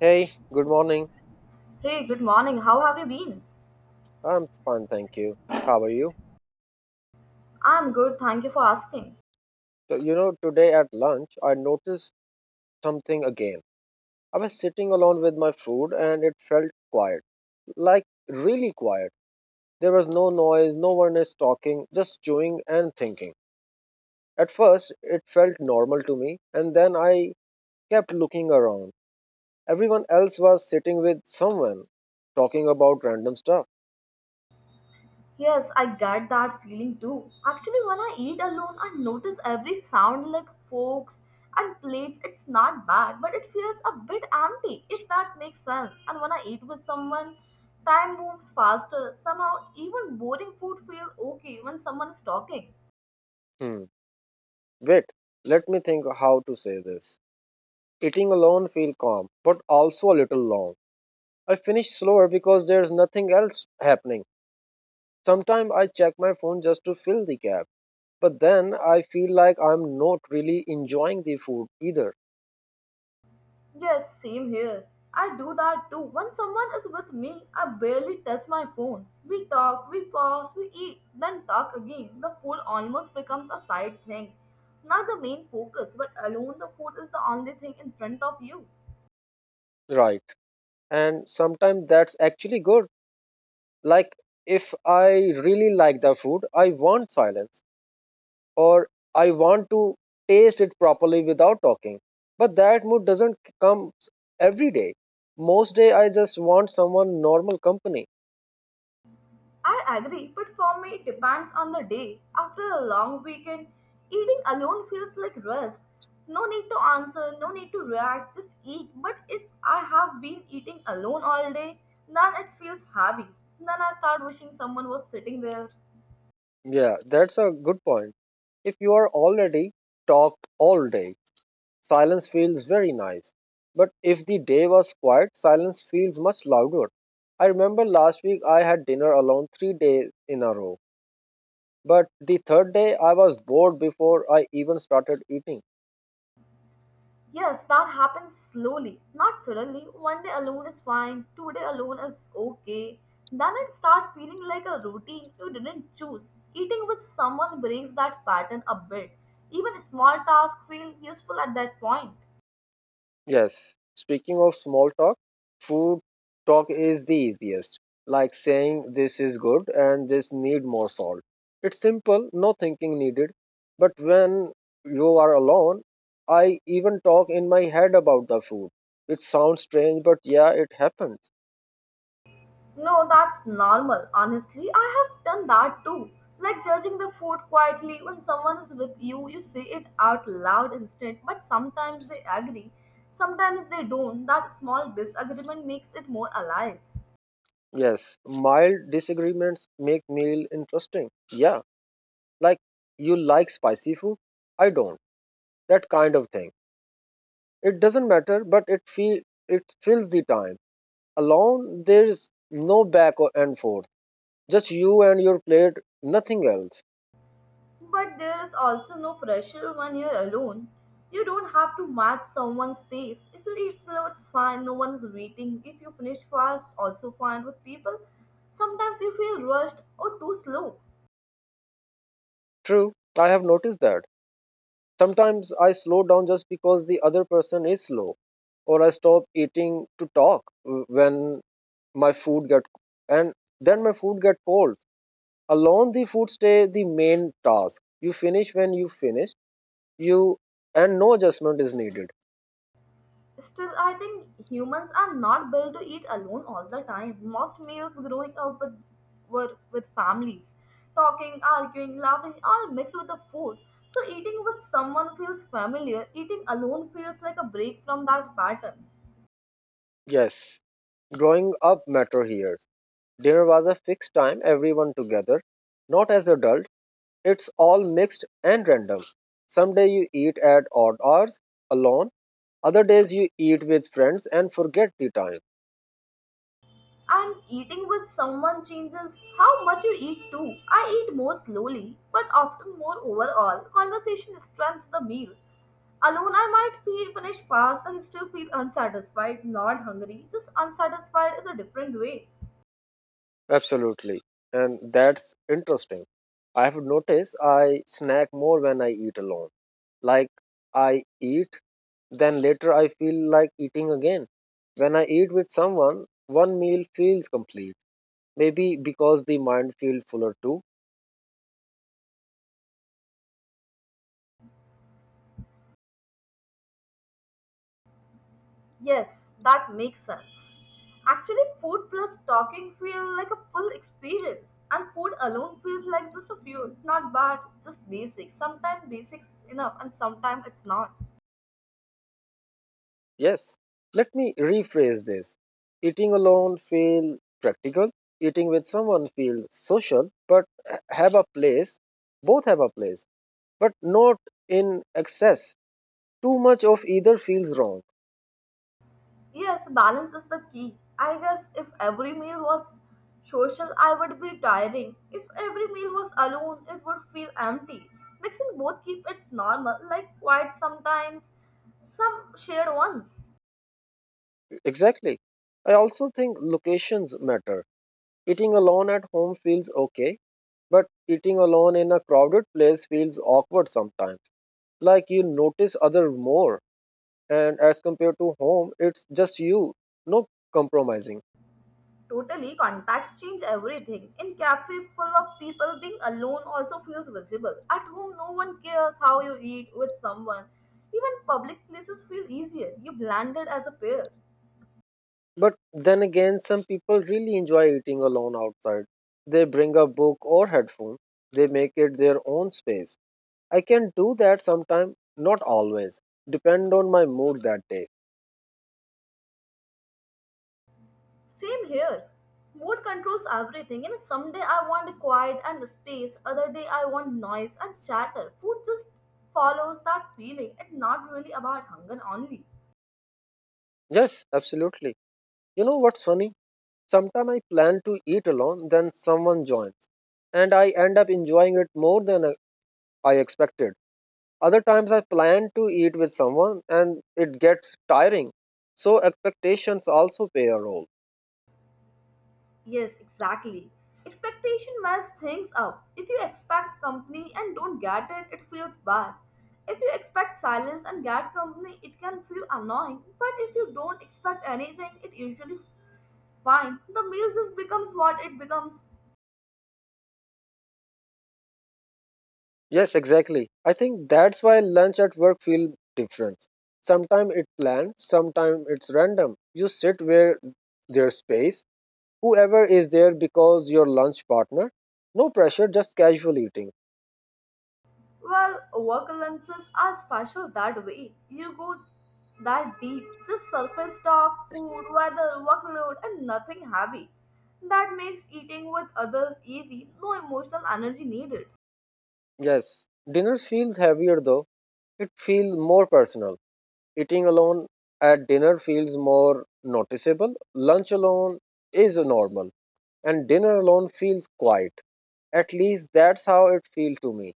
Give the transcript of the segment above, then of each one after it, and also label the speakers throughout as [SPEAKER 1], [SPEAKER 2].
[SPEAKER 1] Hey, good morning.
[SPEAKER 2] Hey, good morning. How have you been?
[SPEAKER 1] I'm fine, thank you. How are you?
[SPEAKER 2] I'm good, thank you for asking.
[SPEAKER 1] So, you know, today at lunch, I noticed something again. I was sitting alone with my food and it felt quiet, like really quiet. There was no noise, no one is talking, just chewing and thinking. At first, it felt normal to me, and then I kept looking around. Everyone else was sitting with someone, talking about random stuff.
[SPEAKER 2] Yes, I get that feeling too. Actually, when I eat alone, I notice every sound like forks and plates. It's not bad, but it feels a bit empty, if that makes sense. And when I eat with someone, time moves faster. Somehow, even boring food feels okay when someone is talking.
[SPEAKER 1] Hmm. Wait, let me think how to say this. Eating alone feel calm, but also a little long. I finish slower because there's nothing else happening. Sometimes I check my phone just to fill the gap, but then I feel like I'm not really enjoying the food either.
[SPEAKER 2] Yes, same here. I do that too. When someone is with me, I barely touch my phone. We talk, we pause, we eat, then talk again. The food almost becomes a side thing. Not the main focus, but alone the food is the only thing in front of you.
[SPEAKER 1] Right. And sometimes that's actually good. Like if I really like the food, I want silence or I want to taste it properly without talking. But that mood doesn't come every day. Most day I just want someone normal company.
[SPEAKER 2] I agree, but for me, it depends on the day. After a long weekend, eating alone feels like rest. No need to answer, no need to react, just eat. But if I have been eating alone all day, then it feels heavy. Then I start wishing someone was sitting there.
[SPEAKER 1] Yeah, that's a good point. If you are already talked all day, silence feels very nice. But if the day was quiet, silence feels much louder. I remember last week I had dinner alone 3 days in a row. But the third day I was bored before I even started eating.
[SPEAKER 2] Yes, that happens slowly, not suddenly. One day alone is fine, two-day alone is okay. Then it starts feeling like a routine you didn't choose. Eating with someone breaks that pattern a bit. Even small tasks feel useful at that point.
[SPEAKER 1] Yes. Speaking of small talk, food talk is the easiest. Like saying this is good and this need more salt. It's simple, no thinking needed. But when you are alone, I even talk in my head about the food. It sounds strange, but yeah, it happens.
[SPEAKER 2] No, that's normal. Honestly, I have done that too. Like judging the food quietly when someone is with you, you say it out loud instead, but sometimes they agree, sometimes they don't. That small disagreement makes it more alive.
[SPEAKER 1] Yes, mild disagreements make meal interesting. Yeah, like you like spicy food, I don't. That kind of thing. It doesn't matter, but it fills the time alone. There is no back or and forth, just you and your plate, nothing else.
[SPEAKER 2] But there is also no pressure when you're alone. You don't have to match someone's pace. If you eat slow, it's fine, no one's waiting. If you finish fast, also fine with people. Sometimes you feel rushed or too slow.
[SPEAKER 1] True, I have noticed that sometimes I slow down just because the other person is slow, or I stop eating to talk. When my food get and then my food get cold. Alone, the food stay the main task. You finish when you finish, you and no adjustment is needed.
[SPEAKER 2] Still, I think humans are not built to eat alone all the time. Most meals growing up with were with families, talking, arguing, laughing, all mixed with the food. So eating with someone feels familiar. Eating alone feels like a break from that pattern.
[SPEAKER 1] Yes, growing up matter here. Dinner was a fixed time, everyone together. Not as adults. It's all mixed and random. Some days you eat at odd hours alone, other days you eat with friends and forget the time.
[SPEAKER 2] And eating with someone changes how much you eat too. I eat more slowly, but often more overall. Conversation strengthens the meal. Alone, I might feel finish fast and still feel unsatisfied, not hungry. Just unsatisfied is a different way.
[SPEAKER 1] Absolutely. And that's interesting. I have noticed I snack more when I eat alone. Like I eat, then later I feel like eating again. When I eat with someone, one meal feels complete. Maybe because the mind feels fuller too.
[SPEAKER 2] Yes, that makes sense. Actually, food plus talking feel like a full experience, and food alone feels like just a fuel. Not bad, just basic. Sometimes basics is enough, and sometimes it's not.
[SPEAKER 1] Yes, let me rephrase this. Eating alone feel practical, eating with someone feel social, but have a place. Both have a place, but not in excess. Too much of either feels wrong.
[SPEAKER 2] Yes, balance is the key. I guess if every meal was social, I would be tiring. If every meal was alone, it would feel empty. Mixing both keep it normal, like quiet sometimes, some shared ones.
[SPEAKER 1] Exactly. I also think locations matter. Eating alone at home feels okay, but eating alone in a crowded place feels awkward sometimes. Like you notice other more, and as compared to home it's just you. No compromising.
[SPEAKER 2] Totally, contacts change everything. In cafe full of people, being alone also feels visible. At home, no one cares how you eat with someone. Even public places feel easier. You blended as a pair.
[SPEAKER 1] But then again, some people really enjoy eating alone outside. They bring a book or headphone. They make it their own space. I can do that sometime, not always. Depend on my mood that day.
[SPEAKER 2] Same here. Mood controls everything. You know, someday I want quiet and space, other day I want noise and chatter. Food just follows that feeling and not really about hunger only.
[SPEAKER 1] Yes, absolutely. You know what's funny? Sometimes I plan to eat alone, then someone joins, and I end up enjoying it more than I expected. Other times I plan to eat with someone, and it gets tiring. So expectations also play a role.
[SPEAKER 2] Yes, exactly. Expectation mess things up. If you expect company and don't get it, it feels bad. If you expect silence and get company, it can feel annoying. But if you don't expect anything, it usually fine. The meal just becomes what it becomes.
[SPEAKER 1] Yes, exactly. I think that's why lunch at work feels different. Sometimes it's planned, sometimes it's random. You sit where there's space. Whoever is there because your lunch partner. No pressure, just casual eating.
[SPEAKER 2] Well, work lunches are special that way. You go that deep, just surface talk, food, weather, workload, and nothing heavy. That makes eating with others easy, no emotional energy needed.
[SPEAKER 1] Yes, dinner feels heavier though. It feels more personal. Eating alone at dinner feels more noticeable. Lunch alone is normal, and dinner alone feels quiet. At least that's how it feels to me.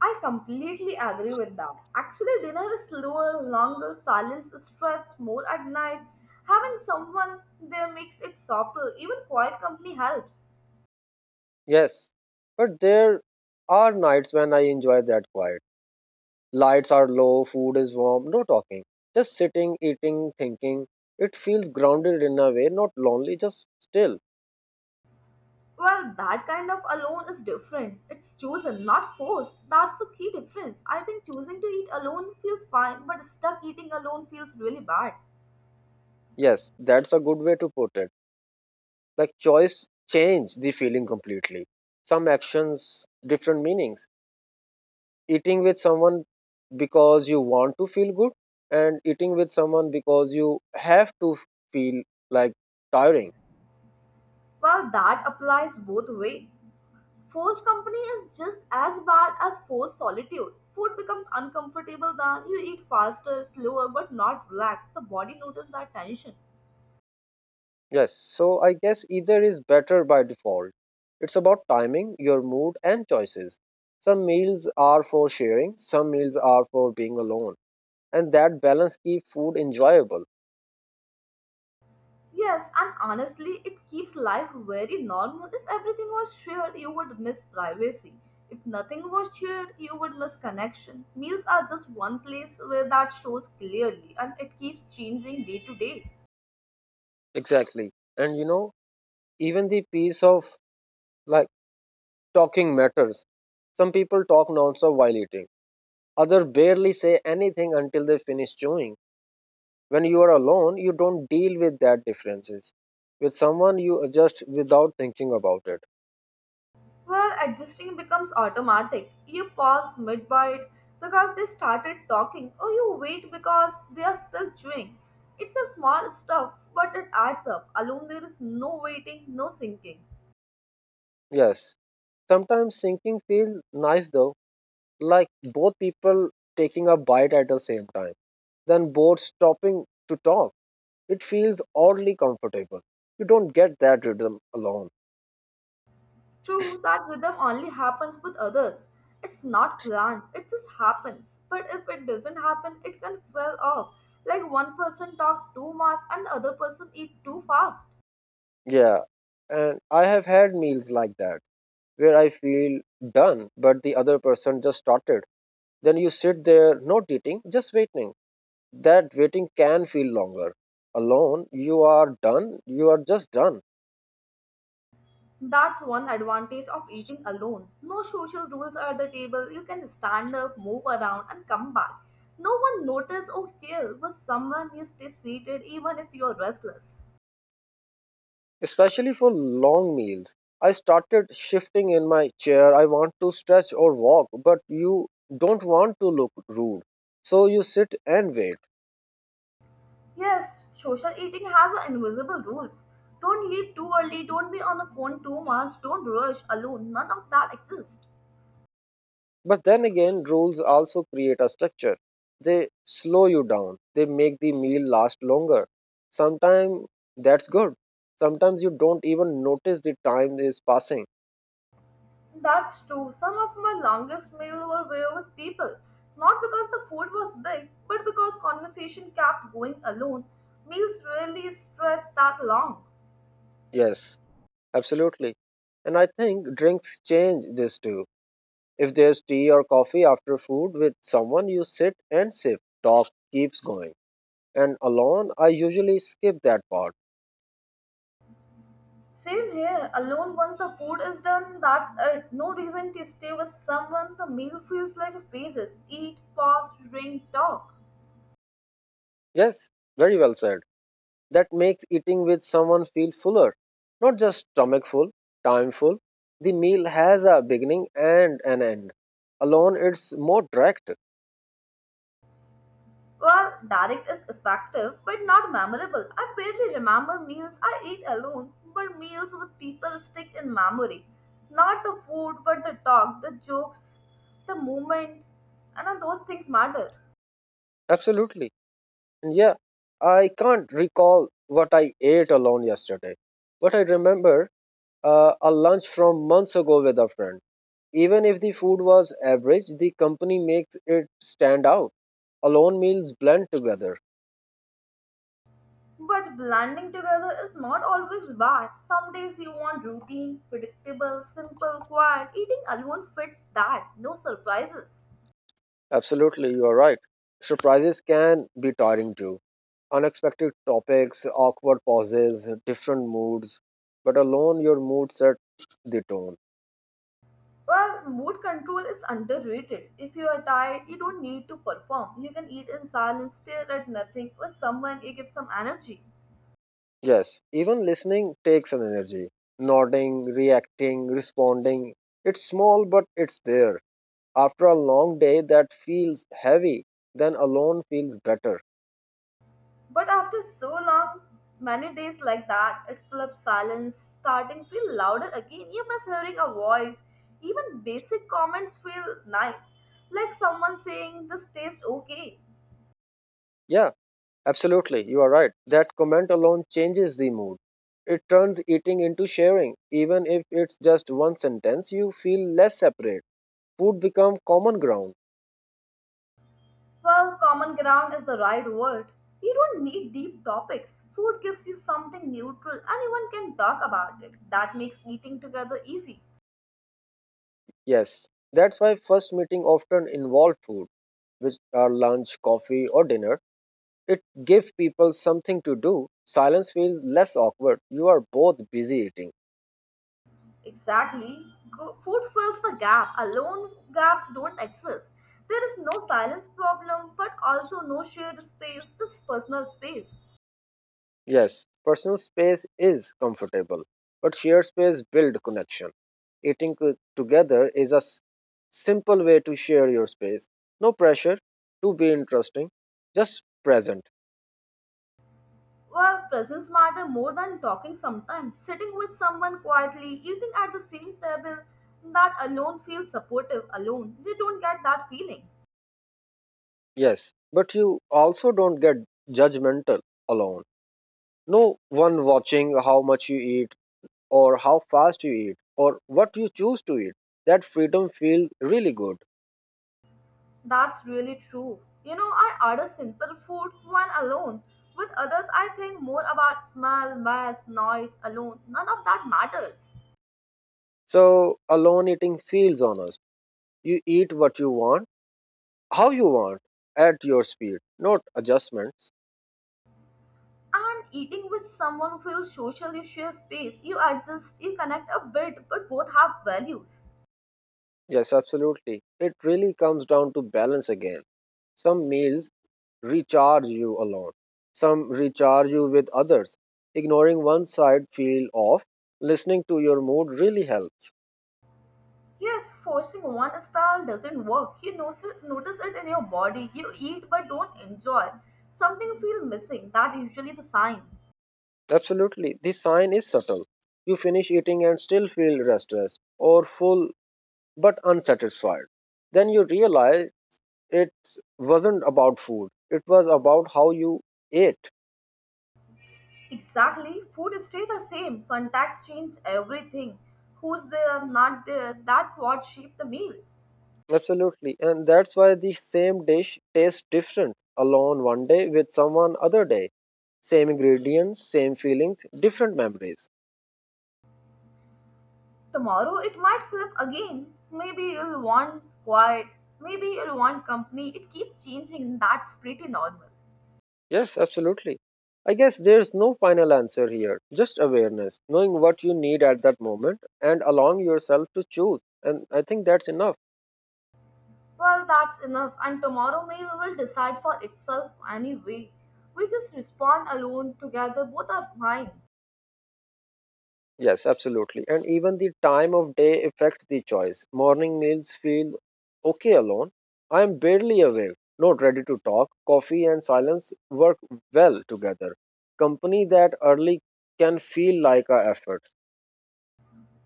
[SPEAKER 2] I completely agree with that. Actually, dinner is slower, longer, silence stretches more at night. Having someone there makes it softer, even quiet company helps.
[SPEAKER 1] Yes, but there are nights when I enjoy that quiet. Lights are low, food is warm, no talking. Just sitting, eating, thinking. It feels grounded in a way, not lonely, just still.
[SPEAKER 2] Well, that kind of alone is different. It's chosen, not forced. That's the key difference. I think choosing to eat alone feels fine, but stuck eating alone feels really bad.
[SPEAKER 1] Yes, that's a good way to put it. Like choice change the feeling completely. Some actions, different meanings. Eating with someone because you want to feel good, and eating with someone because you have to feel like tiring.
[SPEAKER 2] Well, that applies both way. Forced company is just as bad as forced solitude. Food becomes uncomfortable then, you eat faster, slower, but not relaxed. The body notices that tension.
[SPEAKER 1] Yes, so I guess either is better by default. It's about timing, your mood, and choices. Some meals are for sharing, some meals are for being alone, and that balance keeps food enjoyable.
[SPEAKER 2] Yes, and honestly, it keeps life very normal. If everything was shared, you would miss privacy. If nothing was shared, you would miss connection. Meals are just one place where that shows clearly and it keeps changing day to day.
[SPEAKER 1] Exactly. And you know, even the piece of like talking matters. Some people talk nonstop while eating, others barely say anything until they finish chewing. When you are alone, you don't deal with that differences. With someone, you adjust without thinking about it.
[SPEAKER 2] Where adjusting becomes automatic. You pause mid bite because they started talking, or you wait because they are still chewing. It's a small stuff, but it adds up. Alone, there is no waiting, no sinking.
[SPEAKER 1] Yes, sometimes syncing feels nice though, like both people taking a bite at the same time, then both stopping to talk. It feels oddly comfortable. You don't get that rhythm alone.
[SPEAKER 2] True, that rhythm only happens with others. It's not planned, it just happens. But if it doesn't happen, it can fall off. Like one person talk too much and the other person eat too fast.
[SPEAKER 1] Yeah, and I have had meals like that where I feel done, but the other person just started. Then you sit there, not eating, just waiting. That waiting can feel longer. Alone, you are done, you are just done,
[SPEAKER 2] That's one advantage of eating alone. No social rules are at the table. You can stand up, move around, and come back. No one notice or care with someone you stay seated even if you are restless.
[SPEAKER 1] especially for long meals. I started shifting in my chair. I want to stretch or walk, but you don't want to look rude. So you sit and wait.
[SPEAKER 2] Yes, social eating has a invisible rules. Don't leave too early, don't be on the phone too much, don't rush alone. None of that exists.
[SPEAKER 1] But then again, rules also create a structure. They slow you down, they make the meal last longer. Sometimes that's good. Sometimes you don't even notice the time is passing.
[SPEAKER 2] That's true. Some of my longest meals were with people. Not because the food was big, but because conversation kept going alone. Meals rarely stretch that long.
[SPEAKER 1] Yes, absolutely. And I think drinks change this too. If there's tea or coffee after food with someone, you sit and sip. Talk keeps going. And alone, I usually skip that part.
[SPEAKER 2] Same here. Alone once the food is done, that's it. No reason to stay with someone. The meal feels like a phases. Eat, pause, drink, talk.
[SPEAKER 1] Yes, very well said. That makes eating with someone feel fuller, not just stomach full, time full. The meal has a beginning and an end. Alone, it's more direct.
[SPEAKER 2] Well, direct is effective but not memorable. I barely remember meals I eat alone, but meals with people stick in memory. Not the food, but the talk, the jokes, the moment, and all those things matter.
[SPEAKER 1] Absolutely. And yeah, I can't recall what I ate alone yesterday, but I remember a lunch from months ago with a friend. Even if the food was average, the company makes it stand out. Alone meals blend together.
[SPEAKER 2] But blending together is not always bad. Some days you want routine, predictable, simple, quiet. Eating alone fits that. No surprises.
[SPEAKER 1] Absolutely, you are right. Surprises can be tiring too. Unexpected topics, awkward pauses, different moods. But alone, your mood set the tone.
[SPEAKER 2] Well, mood control is underrated. If you are tired, you don't need to perform. You can eat in silence, stare at nothing, or someone you give some energy.
[SPEAKER 1] Yes, even listening takes an energy. Nodding, reacting, responding. It's small, but it's there. After a long day that feels heavy, then alone feels better.
[SPEAKER 2] But after so long, many days like that, it flips silence, starting feel louder again. You miss hearing a voice. Even basic comments feel nice, like someone saying this tastes okay.
[SPEAKER 1] Yeah, absolutely, you are right. That comment alone changes the mood. It turns eating into sharing. Even if it's just one sentence, you feel less separate. Food become common ground.
[SPEAKER 2] Well, common ground is the right word. You don't need deep topics. Food gives you something neutral. Anyone can talk about it. That makes eating together easy.
[SPEAKER 1] Yes, that's why first meeting often involve food, which are lunch, coffee, or dinner. It gives people something to do. Silence feels less awkward. You are both busy eating.
[SPEAKER 2] Exactly. Food fills the gap. Alone gaps don't exist. There is no silence problem, but also no shared space, just personal space.
[SPEAKER 1] Yes, personal space is comfortable, but shared space builds connection. Together is simple way to share your space. No pressure to be interesting, just present.
[SPEAKER 2] Well, presence matter more than talking sometimes. Sitting with someone quietly, eating at the same table, that alone feels supportive. Alone, you don't get that feeling.
[SPEAKER 1] Yes, but you also don't get judgmental alone. No one watching how much you eat, or how fast you eat, or what you choose to eat. That freedom feels really good.
[SPEAKER 2] That's really true. You know, I order simple food when alone. With others, I think more about smell, mess, noise alone. None of that matters.
[SPEAKER 1] So alone eating feels honest. You eat what you want, how you want, at your speed, not adjustments.
[SPEAKER 2] And eating with someone feels social, you share space, you adjust, you connect a bit, but both have values.
[SPEAKER 1] Yes, absolutely. It really comes down to balance again. Some meals recharge you alone, some recharge you with others. Ignoring one side feel off, listening to your mood really helps.
[SPEAKER 2] Yes, forcing one style doesn't work. You notice it in your body. You eat but don't enjoy. Something feels missing. That usually the sign.
[SPEAKER 1] Absolutely. The sign is subtle. You finish eating and still feel restless or full but unsatisfied. Then you realize it wasn't about food, it was about how you ate.
[SPEAKER 2] Exactly. Food stays the same. Contacts change everything. Who's there, not there, that's what shaped the meal.
[SPEAKER 1] Absolutely, and that's why the same dish tastes different alone one day, with someone other day. Same ingredients, same feelings, different memories.
[SPEAKER 2] Tomorrow it might flip again. Maybe you'll want quiet. Maybe you'll want company. It keeps changing. That's pretty normal.
[SPEAKER 1] Yes, absolutely. I guess there's no final answer here, just awareness, knowing what you need at that moment and allowing yourself to choose. And I think that's enough.
[SPEAKER 2] Well, that's enough. And tomorrow meal will decide for itself anyway. We just respond alone, together, both are fine.
[SPEAKER 1] Yes, absolutely. And even the time of day affects the choice. Morning meals feel okay alone. I am barely awake, not ready to talk. Coffee and silence work well together. Company that early can feel like a effort.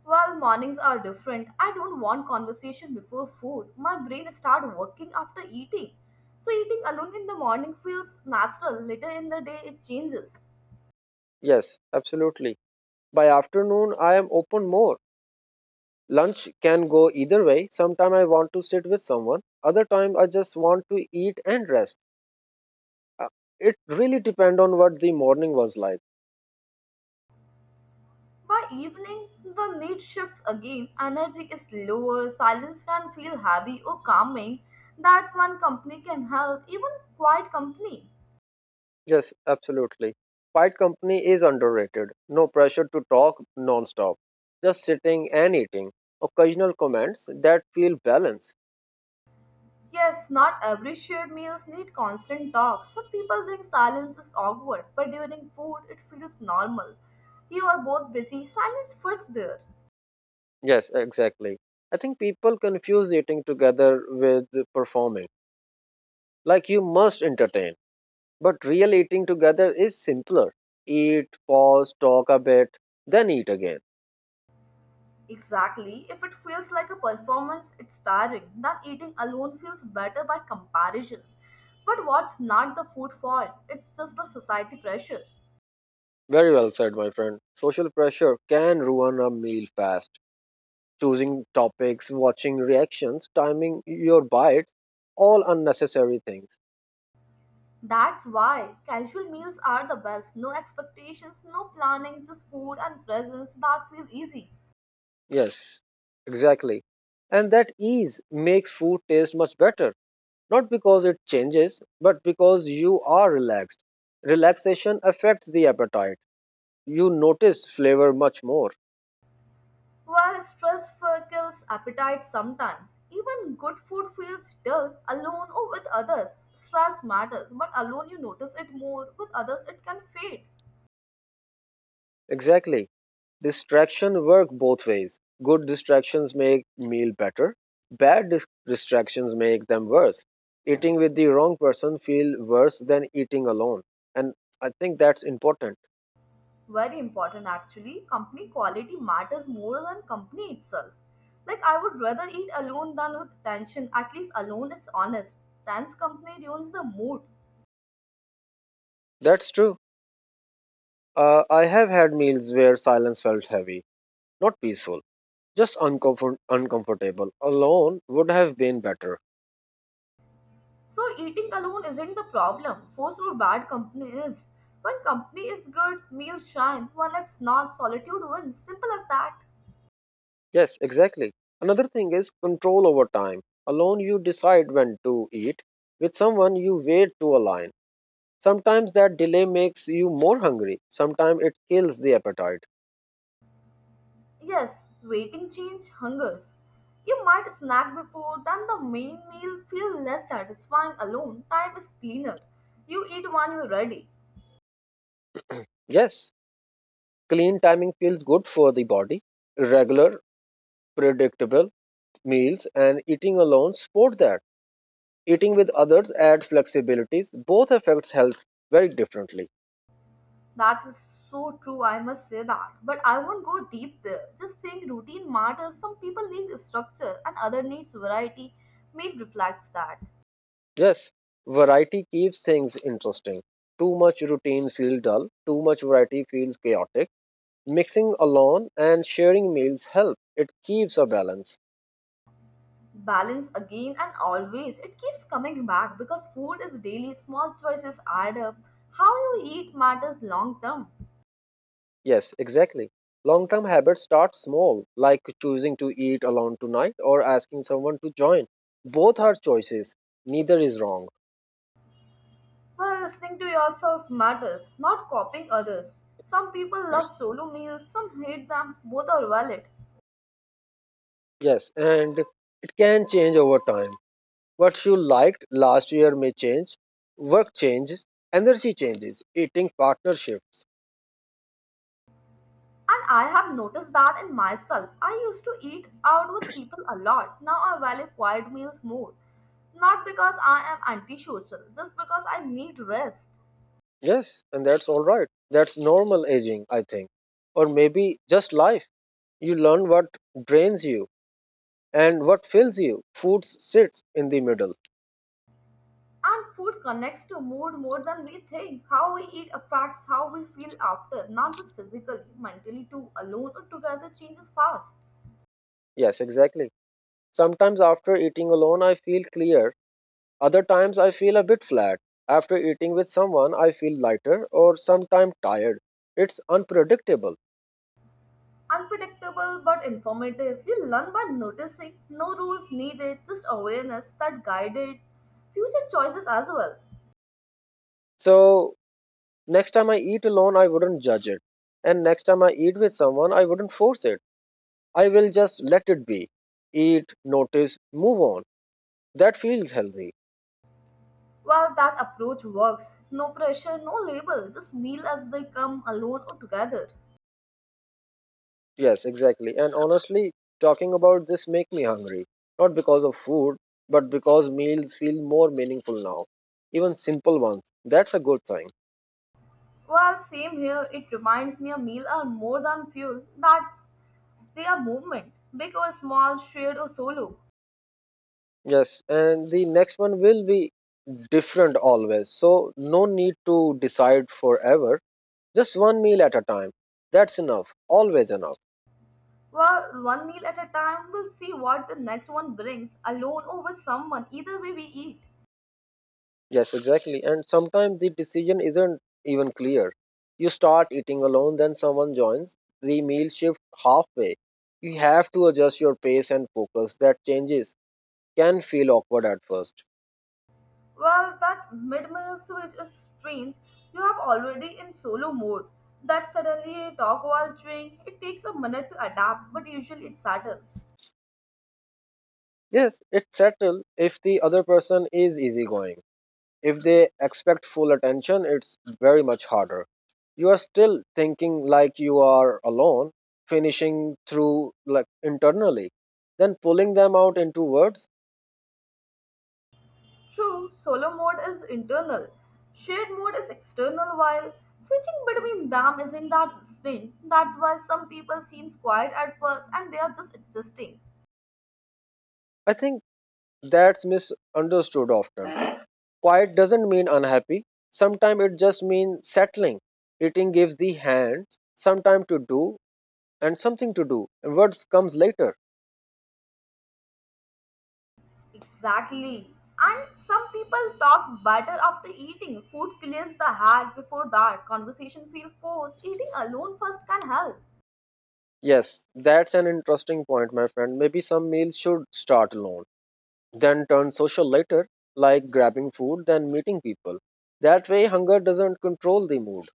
[SPEAKER 2] Well, mornings are different. I don't want conversation before food. My brain start working after eating. So eating alone in the morning feels natural. Later in the day it changes.
[SPEAKER 1] Yes, absolutely. By afternoon, I am open more. Lunch can go either way. Sometime I want to sit with someone. Other time, I just want to eat and rest. Uh, It really depend on what the morning was like.
[SPEAKER 2] By evening, the need shifts again. Energy is lower, silence can feel heavy or calming. That's when company can help, even quiet company.
[SPEAKER 1] Yes, absolutely. Quiet company is underrated. No pressure to talk non-stop. Just sitting and eating. Occasional comments that feel balanced.
[SPEAKER 2] Yes, not every shared meals need constant talk. Some people think silence is awkward, but during food it feels normal. You are both busy, silence fits there.
[SPEAKER 1] Yes, exactly. I think people confuse eating together with performing. Like you must entertain. But real eating together is simpler. Eat, pause, talk a bit, then eat again.
[SPEAKER 2] Exactly. If it feels like a performance, it's tiring. Then eating alone feels better by comparisons. But what's not the food fault? It's just the society pressure.
[SPEAKER 1] Very well said, my friend. Social pressure can ruin a meal fast. Choosing topics, watching reactions, timing your bites, all unnecessary things.
[SPEAKER 2] That's why casual meals are the best. No expectations, no planning, just food and presence that feel easy.
[SPEAKER 1] Yes, exactly. And that ease makes food taste much better, not because it changes, but because you are relaxed. Relaxation affects the appetite. You notice flavor much more.
[SPEAKER 2] While stress kills appetite sometimes. Even good food feels dull alone or with others. Stress matters, but alone you notice it more, with others it can fade.
[SPEAKER 1] Exactly. Distraction work both ways. Good distractions make meal better. Distractions make them worse. Eating with the wrong person feel worse than eating alone. And I think that's important.
[SPEAKER 2] Very important actually. Company quality matters more than company itself. Like, I would rather eat alone than with tension. At least alone is honest. Tense company ruins the mood.
[SPEAKER 1] That's true. I have had meals where silence felt heavy, not peaceful, just uncomfortable. Alone would have been better.
[SPEAKER 2] So eating alone isn't the problem. Forced or bad company is. When company is good, meals shine. When it's not, solitude wins. Simple as that.
[SPEAKER 1] Yes, exactly. Another thing is control over time. Alone you decide when to eat. With someone you wait to align. Sometimes that delay makes you more hungry. Sometimes it kills the appetite.
[SPEAKER 2] Yes, waiting change hungers. You might snack before, then the main meal feel less satisfying alone. Time is cleaner. You eat when you're ready.
[SPEAKER 1] Yes, clean timing feels good for the body. Regular, predictable meals and eating alone support that. Eating with others add flexibilities. Both affects health very differently.
[SPEAKER 2] That is so true, I must say that. But I won't go deep there. Just saying routine matters. Some people need structure and other needs variety. Meal reflects that.
[SPEAKER 1] Yes, variety keeps things interesting. Too much routine feels dull. Too much variety feels chaotic. Mixing alone and sharing meals help. It keeps a balance.
[SPEAKER 2] Balance again, and always it keeps coming back because food is daily. Small choices add up. How you eat matters long term.
[SPEAKER 1] Yes, exactly. Long term habits start small, like choosing to eat alone tonight or asking someone to join. Both are choices, neither is wrong.
[SPEAKER 2] Well, listening to yourself matters, not copying others. Some people love solo meals, some hate them. Both are valid.
[SPEAKER 1] Yes, and it can change over time. What you liked last year may change, work changes, energy changes, eating partnerships.
[SPEAKER 2] And I have noticed that in myself. I used to eat out with people a lot. Now I value quiet meals more, not because I am antisocial, just because I need rest.
[SPEAKER 1] Yes, and that's all right. That's normal aging, I think. Or maybe just life. You learn what drains you and what fills you. Food sits in the middle.
[SPEAKER 2] And food connects to mood more than we think. How we eat affects how we feel after, not just physically, mentally too. Alone or together changes fast.
[SPEAKER 1] Yes, exactly. Sometimes after eating alone, I feel clear. Other times, I feel a bit flat. After eating with someone, I feel lighter or sometimes tired. It's unpredictable.
[SPEAKER 2] Unpredictable but informative. You learn by noticing. No rules needed, just awareness that guided future choices as well.
[SPEAKER 1] So, next time I eat alone, I wouldn't judge it. And next time I eat with someone, I wouldn't force it. I will just let it be. Eat, notice, move on. That feels healthy.
[SPEAKER 2] Well, that approach works. No pressure, no label, just meal as they come, alone or together.
[SPEAKER 1] Yes, exactly. And honestly, talking about this make me hungry. Not because of food, but because meals feel more meaningful now. Even simple ones. That's a good sign.
[SPEAKER 2] Well, same here. It reminds me a meal are more than fuel. That's, they are movement, big or small, shared or solo.
[SPEAKER 1] Yes, and the next one will be different always. So no need to decide forever. Just one meal at a time. That's enough. Always enough.
[SPEAKER 2] Well, one meal at a time, we'll see what the next one brings, alone or with someone, either way we eat.
[SPEAKER 1] Yes, exactly. And sometimes the decision isn't even clear. You start eating alone, then someone joins, the meal shift halfway. You have to adjust your pace and focus. That changes can feel awkward at first.
[SPEAKER 2] Well, that mid meal switch is strange. You have already in solo mode. That suddenly talk while chewing, it takes a minute to adapt, but usually it settles.
[SPEAKER 1] Yes, it's settled if the other person is easygoing. If they expect full attention, it's very much harder. You are still thinking like you are alone, finishing through like internally, then pulling them out into words.
[SPEAKER 2] True, solo mode is internal, shared mode is external, while switching between them isn't that distinct. That's why some people seem quiet at first and they are just adjusting.
[SPEAKER 1] I think that's misunderstood often. Quiet doesn't mean unhappy. Sometimes it just means settling. Eating gives the hands some time to do and something to do, and words comes later.
[SPEAKER 2] Exactly. And some people talk better after eating. Food clears the head before that. Conversation feel forced. Eating alone first can help.
[SPEAKER 1] Yes, that's an interesting point, my friend. Maybe some meals should start alone, then turn social later, like grabbing food, then meeting people. That way, hunger doesn't control the mood.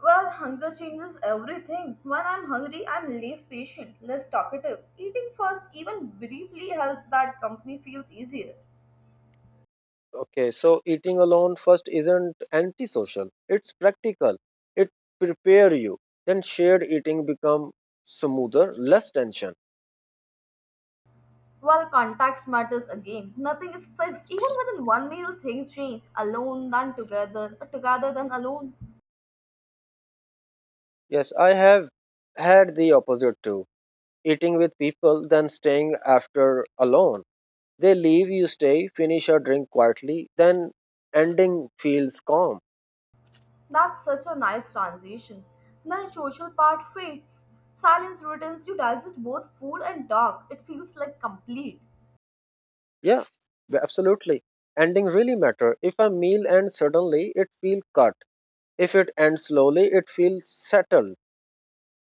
[SPEAKER 2] Well, hunger changes everything. When I'm hungry, I'm less patient, less talkative. Eating first, even briefly, helps that company feels easier.
[SPEAKER 1] Okay, so eating alone first isn't antisocial. It's practical. It prepare you. Then shared eating become smoother, less tension.
[SPEAKER 2] Well, context matters again. Nothing is fixed. Even within one meal, things change. Alone, then together, together, then alone.
[SPEAKER 1] Yes, I have had the opposite too. Eating with people, then staying after alone. They leave, you stay, finish your drink quietly, then ending feels calm.
[SPEAKER 2] That's such a nice transition. Then social part fades. Silence returns. You digest both food and talk. It feels like complete.
[SPEAKER 1] Yeah, absolutely. Ending really matter. If a meal ends suddenly, it feels cut. If it ends slowly, it feels settled.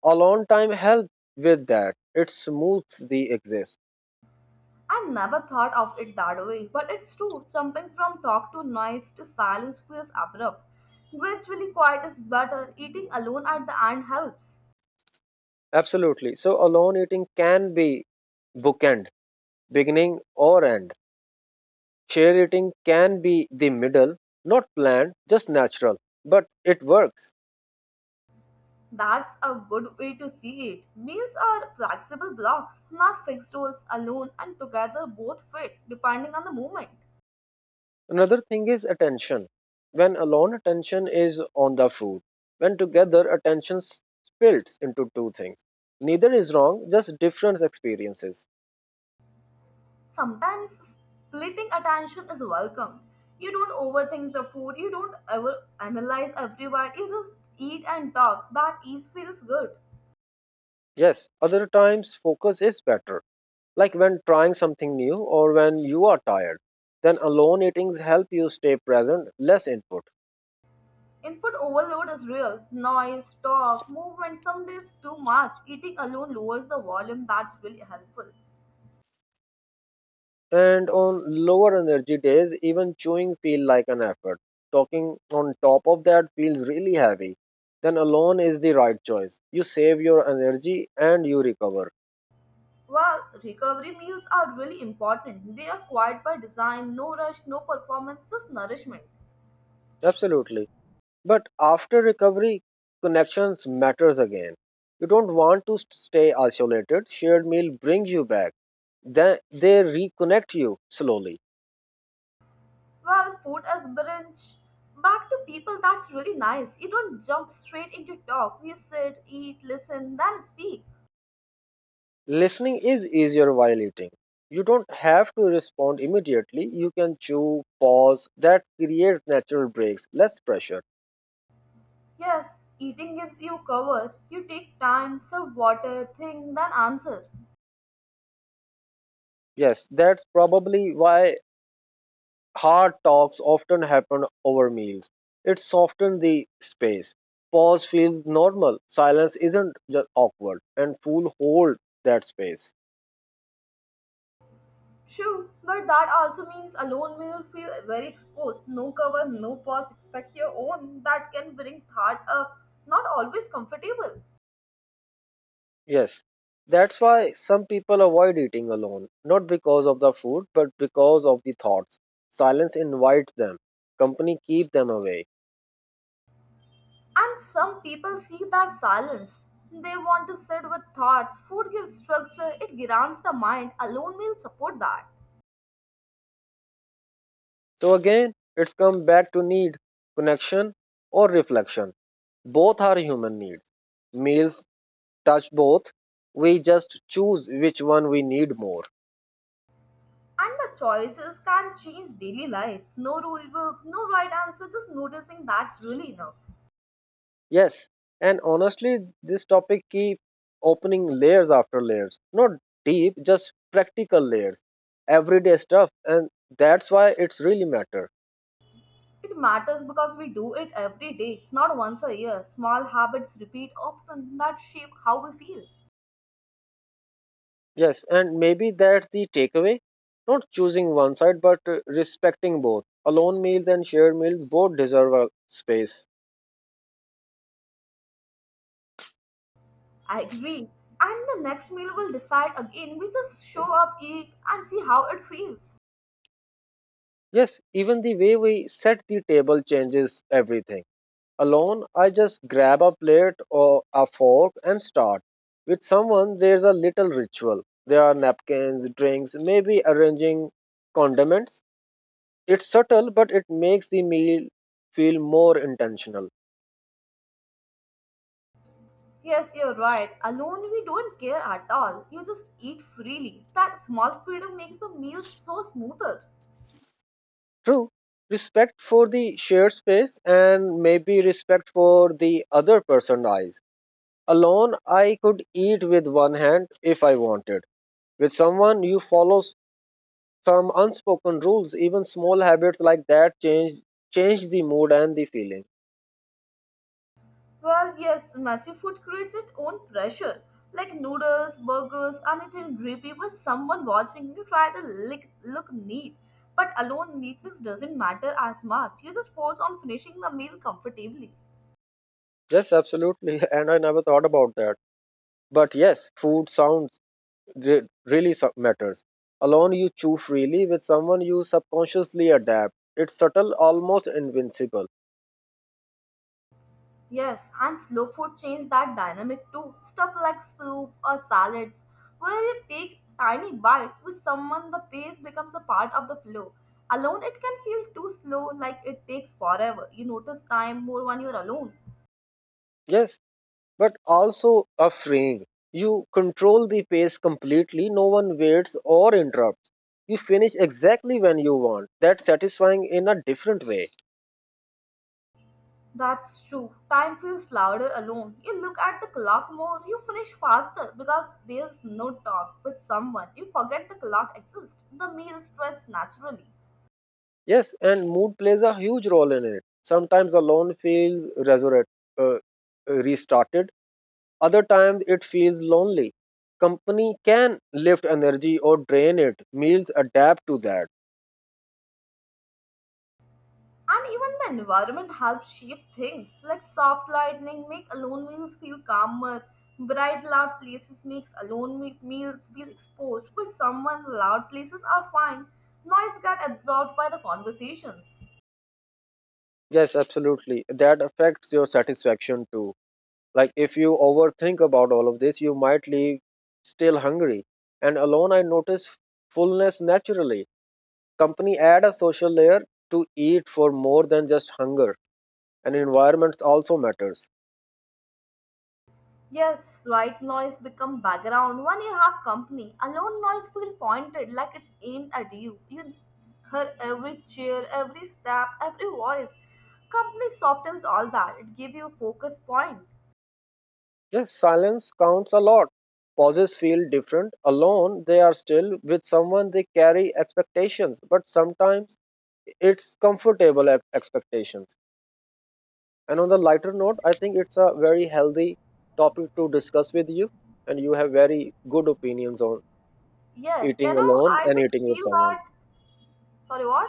[SPEAKER 1] Alone time helps with that. It smooths the exist.
[SPEAKER 2] I never thought of it that way, but it's true. Jumping from talk to noise to silence feels abrupt. Gradually, quiet is better. Eating alone at the end helps.
[SPEAKER 1] Absolutely. So alone eating can be bookend, beginning or end. Share eating can be the middle, not planned, just natural, but it works.
[SPEAKER 2] That's a good way to see it. Meals are flexible blocks, not fixed rules. Alone and together both fit depending on the moment.
[SPEAKER 1] Another thing is attention. When alone, attention is on the food. When together, attention splits into two things. Neither is wrong, just different experiences.
[SPEAKER 2] Sometimes splitting attention is welcome. You don't overthink the food, you don't ever analyze everyone, you just eat and talk. That ease feels good.
[SPEAKER 1] Yes, other times focus is better, like when trying something new or when you are tired. Then alone eatings help you stay present, less input.
[SPEAKER 2] Input overload is real. Noise, talk, movement, some days too much. Eating alone lowers the volume, that's really helpful.
[SPEAKER 1] And on lower energy days, even chewing feel like an effort. Talking on top of that feels really heavy. Then alone is the right choice. You save your energy and you recover.
[SPEAKER 2] Well, recovery meals are really important. They are quiet by design, no rush, no performance, just nourishment.
[SPEAKER 1] Absolutely. But after recovery, connections matters again. You don't want to stay isolated. Shared meal bring you back, then they reconnect you slowly.
[SPEAKER 2] Well, food as brunch. Back to people, that's really nice. You don't jump straight into talk. You sit, eat, listen, then speak.
[SPEAKER 1] Listening is easier while eating. You don't have to respond immediately. You can chew, pause. That creates natural breaks, less pressure.
[SPEAKER 2] Yes, eating gives you cover. You take time, serve water, think, then answer.
[SPEAKER 1] Yes, that's probably why hard talks often happen over meals. It softens the space. Pause feels normal. Silence isn't just awkward, and food hold that space.
[SPEAKER 2] True, but that also means alone will feel very exposed. No cover, no pause, expect your own. That can bring thought up. Not always comfortable.
[SPEAKER 1] Yes, that's why some people avoid eating alone, not because of the food, but because of the thoughts. Silence invites them, company keeps them away.
[SPEAKER 2] And some people seek that silence. They want to sit with thoughts. Food gives structure, it grounds the mind. Alone will support that.
[SPEAKER 1] So again, it's come back to need, connection or reflection. Both are human needs. Meals touch both. We just choose which one we need more.
[SPEAKER 2] And the choices can change daily life. No rule book, no right answer, just noticing that's really enough.
[SPEAKER 1] Yes, and honestly, this topic keep opening layers after layers. Not deep, just practical layers, everyday stuff, and that's why it's really matter.
[SPEAKER 2] It matters because we do it every day, not once a year. Small habits repeat often that shape how we feel.
[SPEAKER 1] Yes, and maybe that's the takeaway. Not choosing one side, but respecting both. Alone meals and shared meals both deserve a space.
[SPEAKER 2] I agree. And the next meal will decide again. We just show up, eat, and see how it feels.
[SPEAKER 1] Yes, even the way we set the table changes everything. Alone, I just grab a plate or a fork and start. With someone, there's a little ritual. There are napkins, drinks, maybe arranging condiments. It's subtle, but it makes the meal feel more intentional.
[SPEAKER 2] Yes, you're right. Alone, we don't care at all. You just eat freely. That small freedom makes the meal so smoother.
[SPEAKER 1] True, respect for the shared space and maybe respect for the other person's eyes. Alone, I could eat with one hand if I wanted. With someone, you follow some unspoken rules. Even small habits like that change the mood and the feeling.
[SPEAKER 2] Well, yes, messy food creates its own pressure. Like noodles, burgers, anything grippy with someone watching, you try to lick, look neat. But alone, neatness doesn't matter as much. You just force on finishing the meal comfortably.
[SPEAKER 1] Yes, absolutely. And I never thought about that. But yes, food sounds really matters. Alone you chew freely, with someone you subconsciously adapt. It's subtle, almost invincible.
[SPEAKER 2] Yes, and slow food changed that dynamic too. Stuff like soup or salads, where you take tiny bites with someone, the pace becomes a part of the flow. Alone, it can feel too slow, like it takes forever. You notice time more when you're alone.
[SPEAKER 1] Yes, but also a freeing. You control the pace completely, no one waits or interrupts. You finish exactly when you want. That's satisfying in a different way.
[SPEAKER 2] That's true. Time feels louder alone. You look at the clock more, you finish faster because there's no talk. With someone, you forget the clock exists. The meal spreads naturally.
[SPEAKER 1] Yes, and mood plays a huge role in it. Sometimes alone feels resurrect, uh, uh, restarted. Other times it feels lonely. Company can lift energy or drain it. Meals adapt to that.
[SPEAKER 2] And even the environment helps shape things, like soft lighting make alone meals feel calmer, bright loud places makes alone meals feel exposed, while someone loud places are fine. Noise get absorbed by the conversations.
[SPEAKER 1] Yes, absolutely. That affects your satisfaction too. Like if you overthink about all of this, you might leave still hungry. And alone, I notice fullness naturally. Company add a social layer to eat for more than just hunger. And environments also matters.
[SPEAKER 2] Yes, right, noise become background when you have company. Alone, noise feel pointed like it's aimed at you. You hear every cheer, every step, every voice. Company softens all that. It gives you a focus point.
[SPEAKER 1] Yes, silence counts a lot. Pauses feel different. Alone, they are still with someone, they carry expectations, but sometimes it's comfortable expectations. And on the lighter note, I think it's a very healthy topic to discuss with you, and you have very good opinions on
[SPEAKER 2] Yes, you
[SPEAKER 1] eating
[SPEAKER 2] know,
[SPEAKER 1] alone
[SPEAKER 2] I
[SPEAKER 1] and
[SPEAKER 2] just
[SPEAKER 1] eating with
[SPEAKER 2] feel
[SPEAKER 1] someone.
[SPEAKER 2] that. Sorry, what?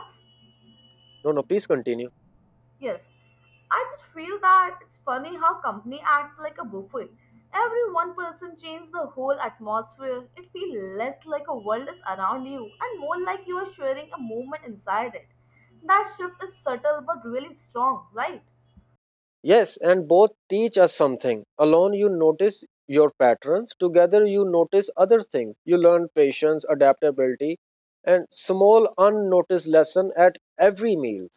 [SPEAKER 1] No, no, please continue.
[SPEAKER 2] Yes, I just feel that it's funny how company acts like a buffet. Every one person changes the whole atmosphere. It feels less like a world is around you and more like you are sharing a moment inside it. That shift is subtle but really strong, right?
[SPEAKER 1] Yes, and both teach us something. Alone, you notice your patterns. Together, you notice other things. You learn patience, adaptability, and small unnoticed lesson at every meal.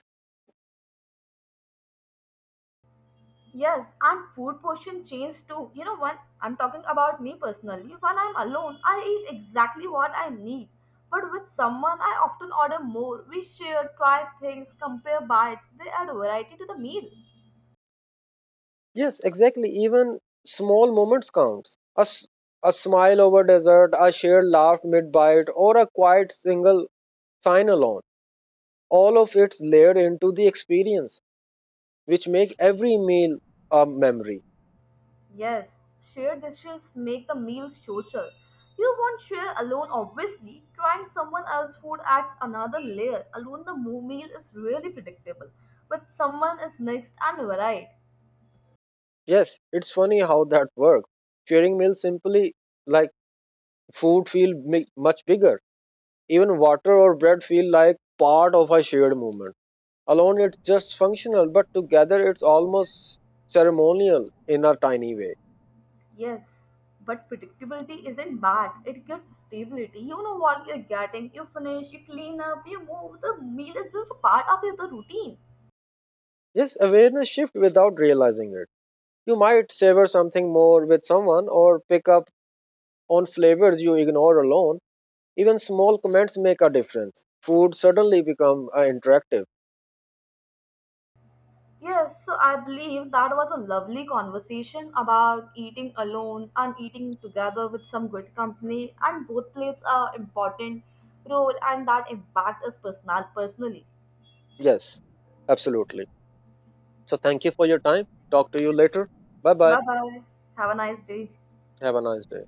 [SPEAKER 2] Yes, and food portion change too. You know, when I'm talking about me personally, when I'm alone, I eat exactly what I need. But with someone, I often order more. We share, try things, compare bites. They add variety to the meal.
[SPEAKER 1] Yes, exactly. Even small moments counts. A smile over dessert, a shared laugh mid bite, or a quiet single sign alone. All of it's layered into the experience, which make every meal a memory.
[SPEAKER 2] Yes, shared dishes make the meal social. You won't share alone, obviously. Trying someone else's food adds another layer. Alone, the meal is really predictable. With someone, it's mixed and varied.
[SPEAKER 1] Yes, it's funny how that works. Sharing meals simply, like food feel much bigger. Even water or bread feel like part of a shared movement. Alone it's just functional, but together it's almost ceremonial in a tiny way.
[SPEAKER 2] Yes, but predictability isn't bad. It gives stability. You know what you're getting. You finish, you clean up, you move. The meal is just a part of your the routine.
[SPEAKER 1] Yes, awareness shift without realizing it. You might savor something more with someone or pick up on flavors you ignore alone. Even small comments make a difference. Food suddenly become interactive.
[SPEAKER 2] Yes, so I believe that was a lovely conversation about eating alone and eating together with some good company, and both plays a important role, and that impact us personally.
[SPEAKER 1] Yes, absolutely. So thank you for your time. Talk to you later. Bye bye.
[SPEAKER 2] Bye bye. Have a nice day.
[SPEAKER 1] Have a nice day.